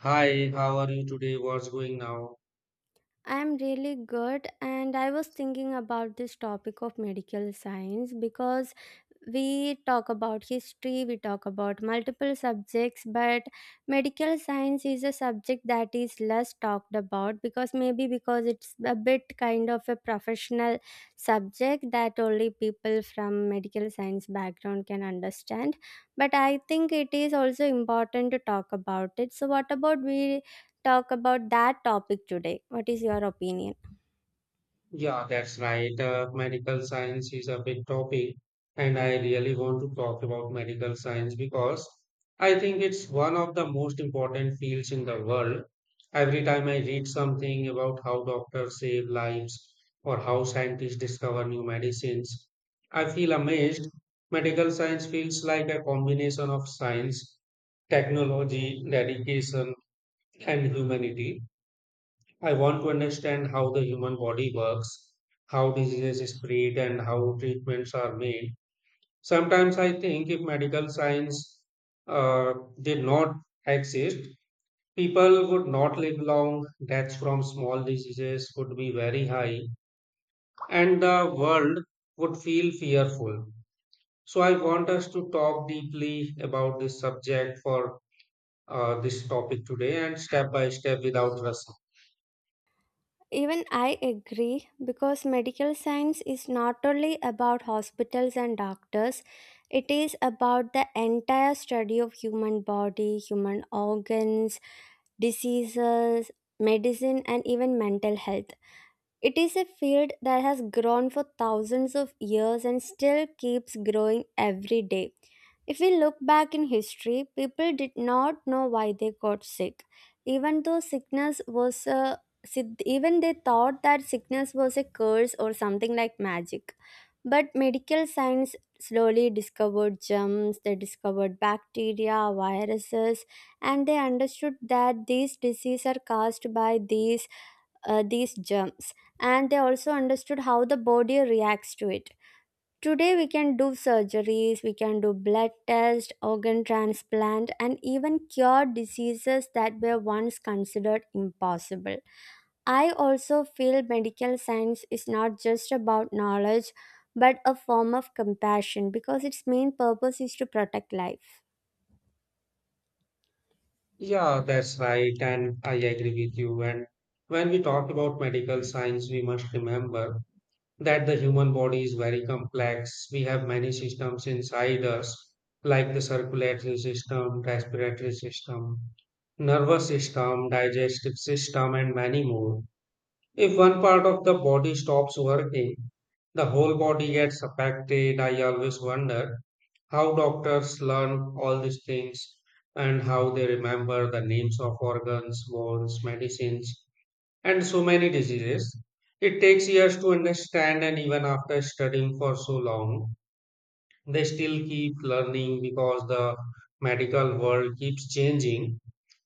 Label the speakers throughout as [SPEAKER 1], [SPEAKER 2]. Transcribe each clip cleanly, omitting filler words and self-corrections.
[SPEAKER 1] Hi, how are you today? What's going now?
[SPEAKER 2] I'm really good, and I was thinking about this topic of medical science because we talk about history, we talk about multiple subjects, but medical science is a subject that is less talked about because maybe because it's a bit kind of a professional subject that only people from medical science background can understand. But I think it is also important to talk about it. So, what about we talk about that topic today? What is your opinion?
[SPEAKER 1] Yeah, that's right. Medical science is a big topic, and I really want to talk about medical science because I think it's one of the most important fields in the world. Every time I read something about how doctors save lives or how scientists discover new medicines, I feel amazed. Medical science feels like a combination of science, technology, dedication, and humanity. I want to understand how the human body works, how diseases spread, and how treatments are made. Sometimes I think if medical science uh, did not exist, people would not live long. Deaths from small diseases would be very high, and the world would feel fearful. So I want us to talk deeply about this subject for this topic today, and step by step without rushing.
[SPEAKER 2] Even I agree because medical science is not only about hospitals and doctors, it is about the entire study of human body, human organs, diseases, medicine and even mental health. It is a field that has grown for thousands of years and still keeps growing every day. If we look back in history, people did not know why they got sick. Even though sickness was a Even they thought that sickness was a curse or something like magic. But medical science slowly discovered germs, they discovered bacteria, viruses, and they understood that these diseases are caused by these germs, and they also understood how the body reacts to it. Today, we can do surgeries, we can do blood tests, organ transplant, and even cure diseases that were once considered impossible. I also feel medical science is not just about knowledge but a form of compassion because its main purpose is to protect life.
[SPEAKER 1] Yeah, that's right, and I agree with you. And when we talk about medical science, we must remember that the human body is very complex. We have many systems inside us, like the circulatory system, respiratory system, nervous system, digestive system, and many more. If one part of the body stops working, the whole body gets affected. I always wonder how doctors learn all these things and how they remember the names of organs, bones, medicines, and so many diseases. It takes years to understand, and even after studying for so long, they still keep learning because the medical world keeps changing.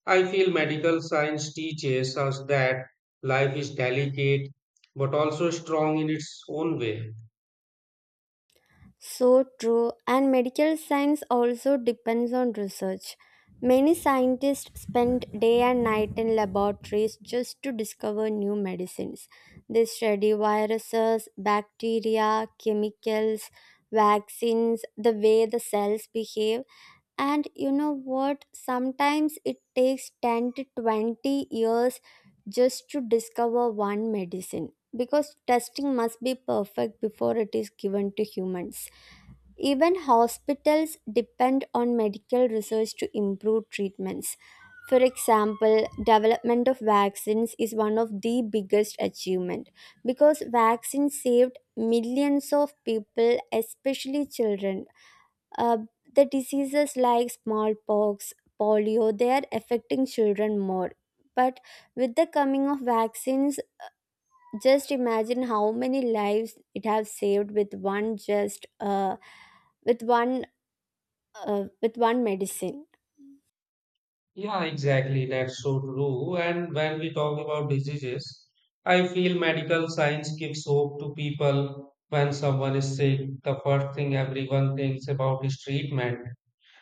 [SPEAKER 1] I feel medical science teaches us that life is delicate but also strong in its own way.
[SPEAKER 2] So true, and medical science also depends on research. Many scientists spend day and night in laboratories just to discover new medicines. They study viruses, bacteria, chemicals, vaccines, the way the cells behave. And you know what? Sometimes it takes 10 to 20 years just to discover one medicine because testing must be perfect before it is given to humans. Even hospitals depend on medical research to improve treatments. For example, development of vaccines is one of the biggest achievement because vaccines saved millions of people, especially children. Uh, the diseases like smallpox, polio, they are affecting children more. But with the coming of vaccines, just imagine how many lives it has saved with one just with one with one medicine.
[SPEAKER 1] Yeah, exactly. That's so true. And when we talk about diseases, I feel medical science gives hope to people when someone is sick. The first thing everyone thinks about is treatment,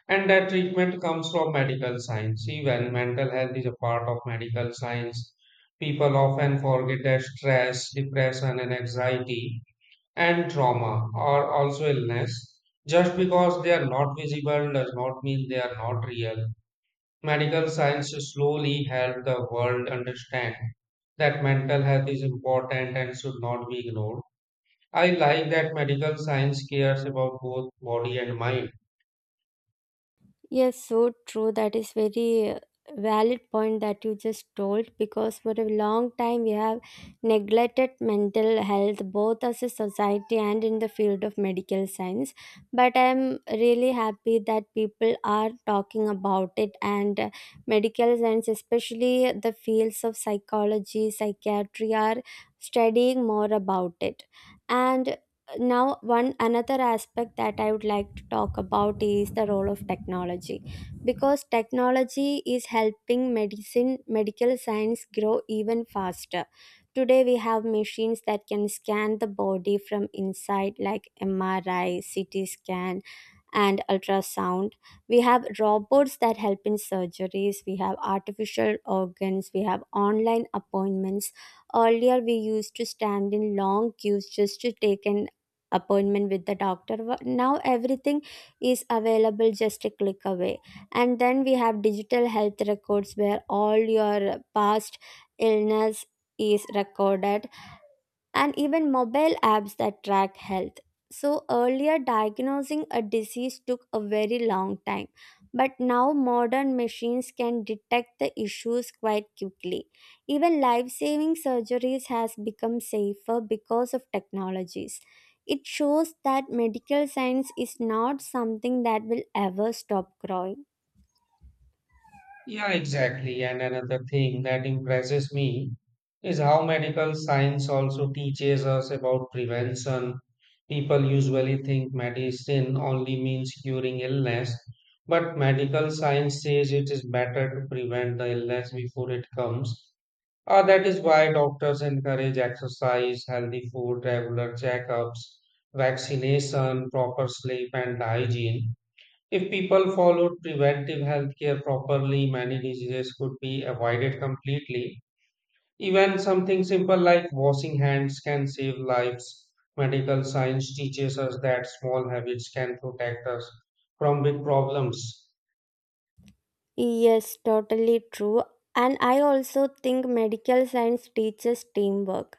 [SPEAKER 1] and that treatment comes from medical science. Even mental health is a part of medical science. People often forget that stress, depression, and anxiety and trauma are also illness. Just because they are not visible does not mean they are not real. Medical science slowly helped the world understand that mental health is important and should not be ignored. I like that medical science cares about both body and mind.
[SPEAKER 2] Yes, so true. That is very valid point that you just told because for a long time we have neglected mental health both as a society and in the field of medical science. But I'm really happy that people are talking about it, and medical science, especially the fields of psychology, psychiatry, are studying more about it. And now one another aspect that I would like to talk about is the role of technology, because technology is helping medicine medical science grow even faster. Today we have machines that can scan the body from inside, like MRI, CT scan, and ultrasound. We have robots that help in surgeries. We have artificial organs. We have online appointments. Earlier, we used to stand in long queues just to take an appointment with the doctor. Now, everything is available just a click away. And then we have digital health records where all your past illness is recorded, and even mobile apps that track health. So, earlier diagnosing a disease took a very long time, but now modern machines can detect the issues quite quickly. Even life-saving surgeries has become safer because of technologies. It shows that medical science is not something that will ever stop growing.
[SPEAKER 1] Yeah, exactly. And another thing that impresses me is how medical science also teaches us about prevention. People usually think medicine only means curing illness, but medical science says it is better to prevent the illness before it comes. That is why doctors encourage exercise, healthy food, regular checkups, vaccination, proper sleep, and hygiene. If people followed preventive healthcare properly, many diseases could be avoided completely. Even something simple like washing hands can save lives. Medical science teaches us that small habits can protect us from big problems.
[SPEAKER 2] Yes, totally true. And I also think medical science teaches teamwork.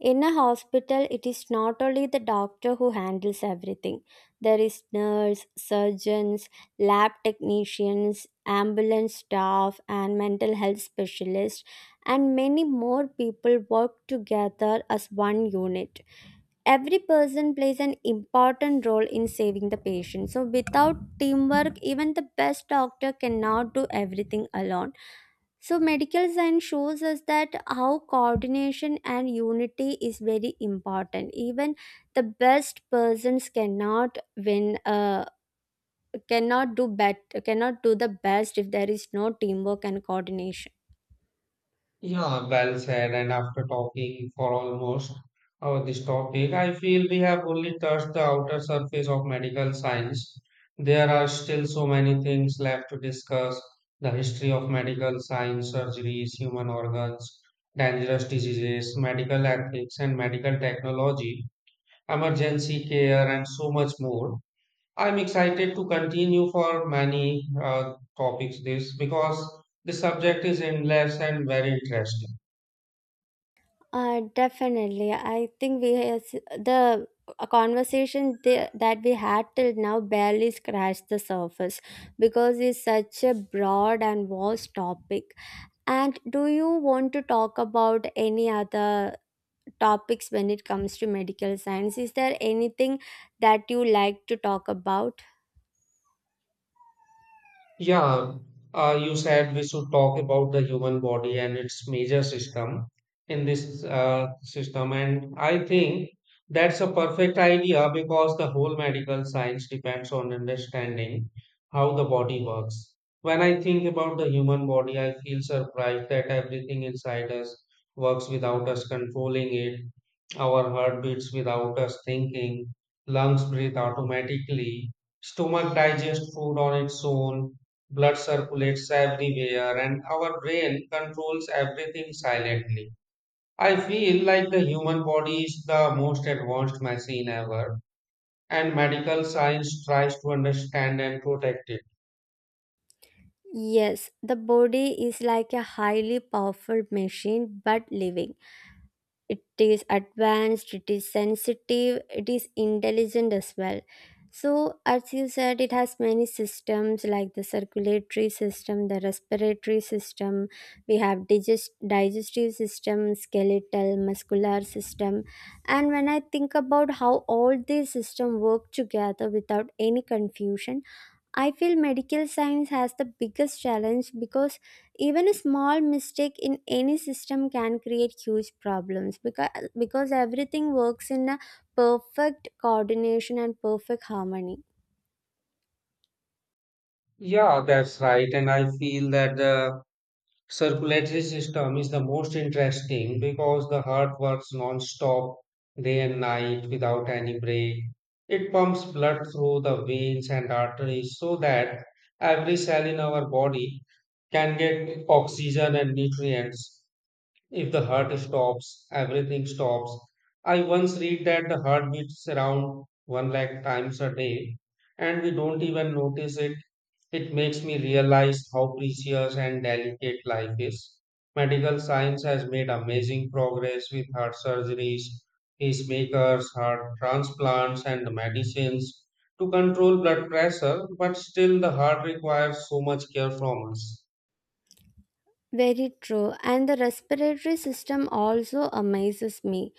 [SPEAKER 2] In a hospital, it is not only the doctor who handles everything. There is nurse, surgeons, lab technicians, ambulance staff and mental health specialists, and many more people work together as one unit. Every person plays an important role in saving the patient. So without teamwork, even the best doctor cannot do everything alone. So, medical science shows us that how coordination and unity is very important. Even the best persons cannot win, cannot do bet, cannot do the best if there is no teamwork and coordination.
[SPEAKER 1] Yeah, well said. And after talking for almost this topic, I feel we have only touched the outer surface of medical science. There are still so many things left to discuss the history of medical science, surgeries, human organs, dangerous diseases, medical ethics, and medical technology, emergency care, and so much more. I'm excited to continue for many topics this because the subject is endless and very interesting.
[SPEAKER 2] Definitely, I think we has, the a conversation that we had till now barely scratched the surface because it's such a broad and vast topic. And do you want to talk about any other topics when it comes to medical science? Is there anything that you like to talk about?
[SPEAKER 1] Yeah, you said we should talk about the human body and its major system in this system, and I think that's a perfect idea because the whole medical science depends on understanding how the body works. When I think about the human body, I feel surprised that everything inside us works without us controlling it. Our heart beats without us thinking, lungs breathe automatically, stomach digests food on its own, blood circulates everywhere, and our brain controls everything silently. I feel like the human body is the most advanced machine ever, and medical science tries to understand and protect it.
[SPEAKER 2] Yes, the body is like a highly powerful machine but living. It is advanced, it is sensitive, it is intelligent as well. So as you said, it has many systems like the circulatory system, the respiratory system. We have digestive system, skeletal muscular system. And when I think about how all these systems work together without any confusion, I feel medical science has the biggest challenge because even a small mistake in any system can create huge problems, because everything works in a perfect coordination and perfect harmony.
[SPEAKER 1] Yeah, that's right. And I feel that the circulatory system is the most interesting because the heart works non-stop day and night without any break. It pumps blood through the veins and arteries so that every cell in our body can get oxygen and nutrients. If the heart stops, everything stops. I once read that the heart beats around one lakh times a day and we don't even notice it. It makes me realize how precious and delicate life is. Medical science has made amazing progress with heart surgeries, pacemakers, heart transplants, and medicines to control blood pressure, but still the heart requires so much care from us.
[SPEAKER 2] Very true. And the respiratory system also amazes me.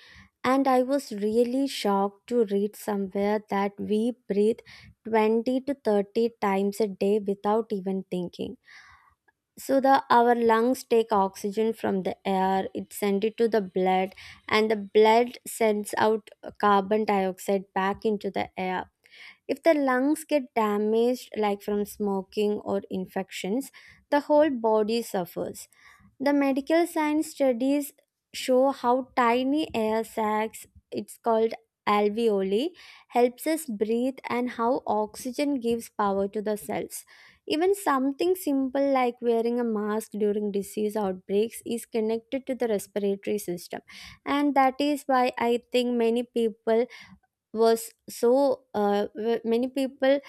[SPEAKER 2] And I was really shocked to read somewhere that we breathe 20 to 30 times a day without even thinking. So the our lungs take oxygen from the air, it send it to the blood, and the blood sends out carbon dioxide back into the air. If the lungs get damaged like from smoking or infections, the whole body suffers. The medical science studies show how tiny air sacs, it's called alveoli, helps us breathe and how oxygen gives power to the cells. Even something simple like wearing a mask during disease outbreaks is connected to the respiratory system. And that is why I think many people was so w- many people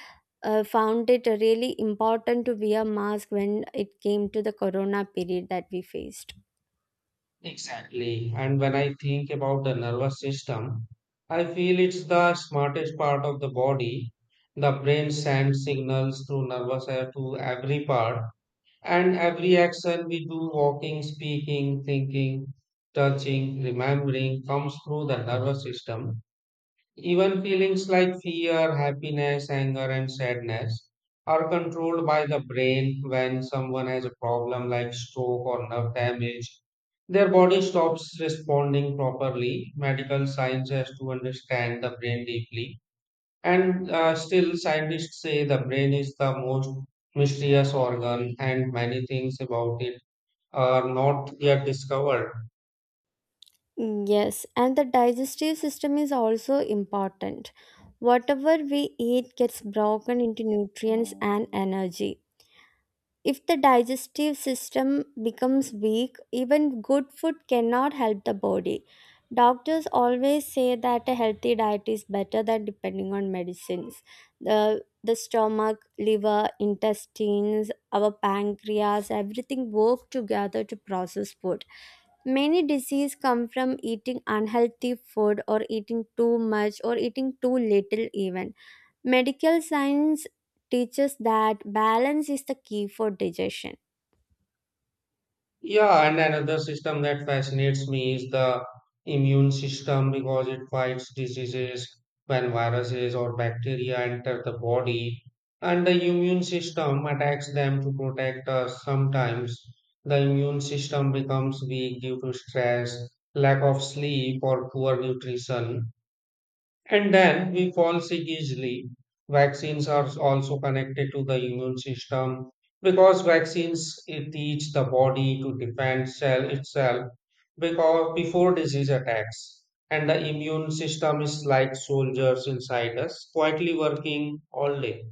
[SPEAKER 2] found it really important to wear mask when it came to the corona period that we faced.
[SPEAKER 1] Exactly. And when I think about the nervous system, I feel it's the smartest part of the body. The brain sends signals through nervous air to every part. And every action we do, walking, speaking, thinking, touching, remembering, comes through the nervous system. Even feelings like fear, happiness, anger, and sadness are controlled by the brain. When someone has a problem like stroke or nerve damage, their body stops responding properly. Medical science has to understand the brain deeply, and still, scientists say the brain is the most mysterious organ, and many things about it are not yet discovered.
[SPEAKER 2] Mm, yes, and the digestive system is also important. Whatever we eat gets broken into nutrients and energy. If the digestive system becomes weak, even good food cannot help the body. Doctors always say that a healthy diet is better than depending on medicines. The stomach, liver, intestines, our pancreas, everything work together to process food. Many diseases come from eating unhealthy food or eating too much or eating too little even. Medical science teaches that balance is the key for digestion.
[SPEAKER 1] Yeah, and another system that fascinates me is the immune system because it fights diseases when viruses or bacteria enter the body, and the immune system attacks them to protect us. Sometimes the immune system becomes weak due to stress, lack of sleep, or poor nutrition, and then we fall sick easily. Vaccines are also connected to the immune system because vaccines it teach the body to defend cell itself because before disease attacks. And the immune system is like soldiers inside us, quietly working all day.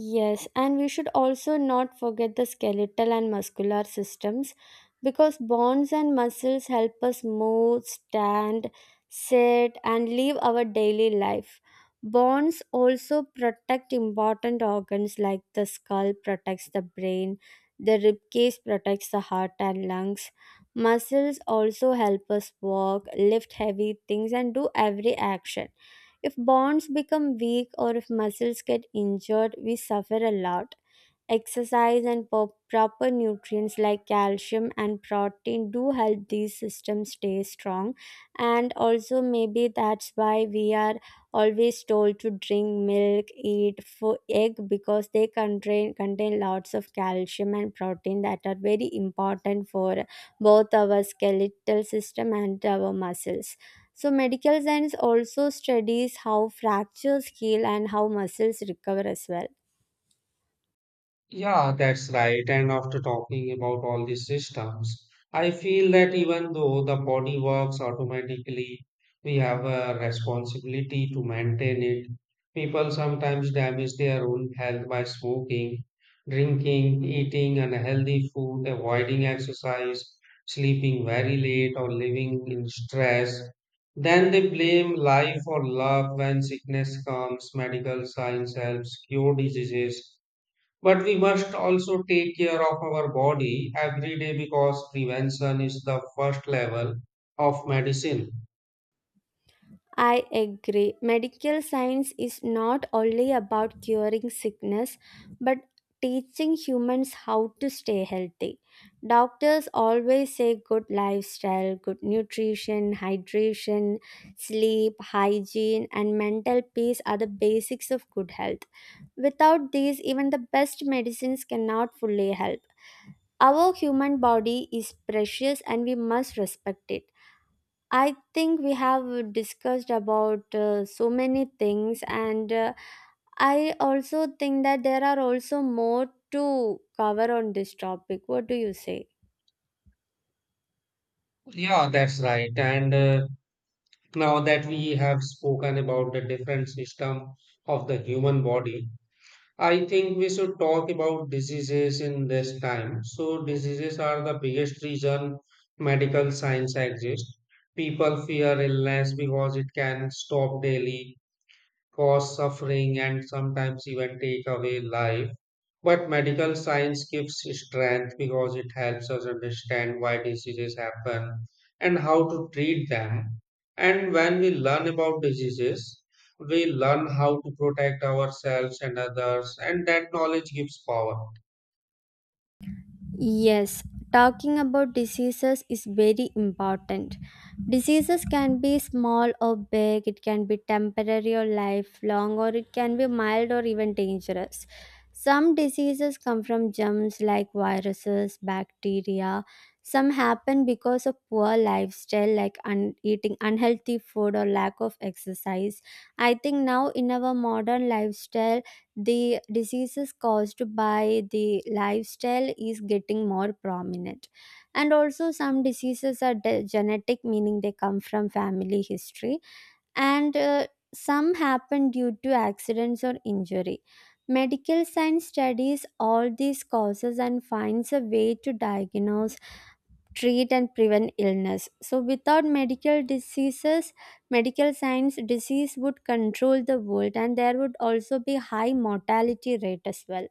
[SPEAKER 2] Yes, and we should also not forget the skeletal and muscular systems because bones and muscles help us move, stand, sit, and live our daily life. Bones also protect important organs, like the skull protects the brain, the rib cage protects the heart and lungs. Muscles also help us walk, lift heavy things, and do every action. If bonds become weak or if muscles get injured, we suffer a lot. Exercise and proper nutrients like calcium and protein do help these systems stay strong. And also, maybe that's why we are always told to drink milk, eat for egg, because they contain lots of calcium and protein that are very important for both our skeletal system and our muscles. So, medical science also studies how fractures heal and how muscles recover as well.
[SPEAKER 1] Yeah, that's right. And after talking about all these systems, I feel that even though the body works automatically, we have a responsibility to maintain it. People sometimes damage their own health by smoking, drinking, eating unhealthy food, avoiding exercise, sleeping very late, or living in stress. Then they blame life or luck when sickness comes, medical science helps cure diseases but we must also take care of our body every day because prevention is the first level of medicine.
[SPEAKER 2] I agree. Medical science is not only about curing sickness but teaching humans how to stay healthy. Doctors always say good lifestyle, good nutrition, hydration, sleep, hygiene, and mental peace are the basics of good health. Without these, even the best medicines cannot fully help. Our human body is precious and we must respect it. I think we have discussed about so many things, and I also think that there are also more to cover on this topic. What do you say?
[SPEAKER 1] Yeah, that's right. And now that we have spoken about the different system of the human body, I think we should talk about diseases in this time. So diseases are the biggest reason medical science exists. People fear illness because it can stop daily, cause suffering, and sometimes even take away life. But medical science gives strength because it helps us understand why diseases happen and how to treat them. And when we learn about diseases, we learn how to protect ourselves and others, and that knowledge gives power.
[SPEAKER 2] Yes, talking about diseases is very important. Diseases can be small or big, it can be temporary or lifelong, or it can be mild or even dangerous. Some diseases come from germs like viruses, bacteria. Some happen because of poor lifestyle, like eating unhealthy food or lack of exercise. I think now in our modern lifestyle, the diseases caused by the lifestyle is getting more prominent. And also some diseases are genetic, meaning they come from family history, and some happen due to accidents or injury. Medical science studies all these causes and finds a way to diagnose, treat and prevent illness. So, without medical science, disease would control the world, and there would also be high mortality rate as well.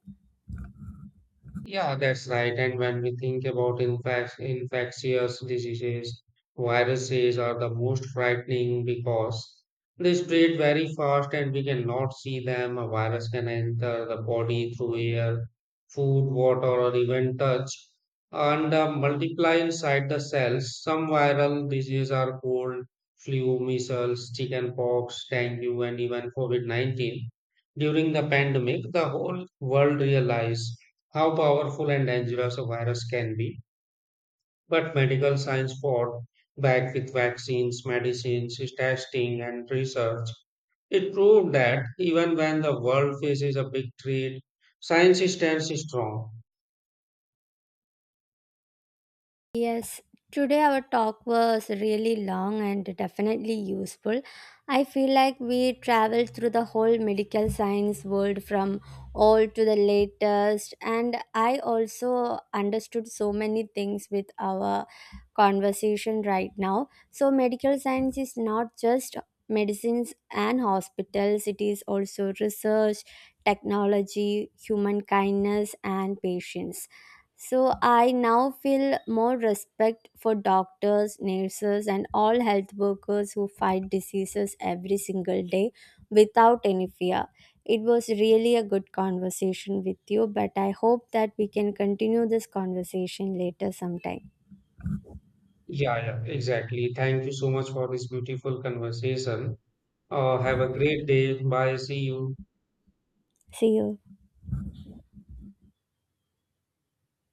[SPEAKER 1] Yeah, that's right. And when we think about infectious diseases, viruses are the most frightening because they spread very fast and we cannot see them. A virus can enter the body through air, food, water, or even touch, and multiply inside the cells. Some viral diseases are cold, flu, measles, chickenpox, dengue, and even COVID-19. During the pandemic, the whole world realized how powerful and dangerous a virus can be. But medical science fought back with vaccines, medicines, testing, and research. It proved that even when the world faces a big threat, science stands strong.
[SPEAKER 2] Yes, today our talk was really long and definitely useful. I feel like we traveled through the whole medical science world from old to the latest, and I also understood so many things with our conversation right now. So, medical science is not just medicines and hospitals, it is also research, technology, human kindness, and patience. So I now feel more respect for doctors, nurses, and all health workers who fight diseases every single day without any fear. It was really a good conversation with you, but I hope that we can continue this conversation later sometime.
[SPEAKER 1] Yeah, yeah, exactly. Thank you so much for this beautiful conversation. Have a great day. Bye. See you.
[SPEAKER 2] See you.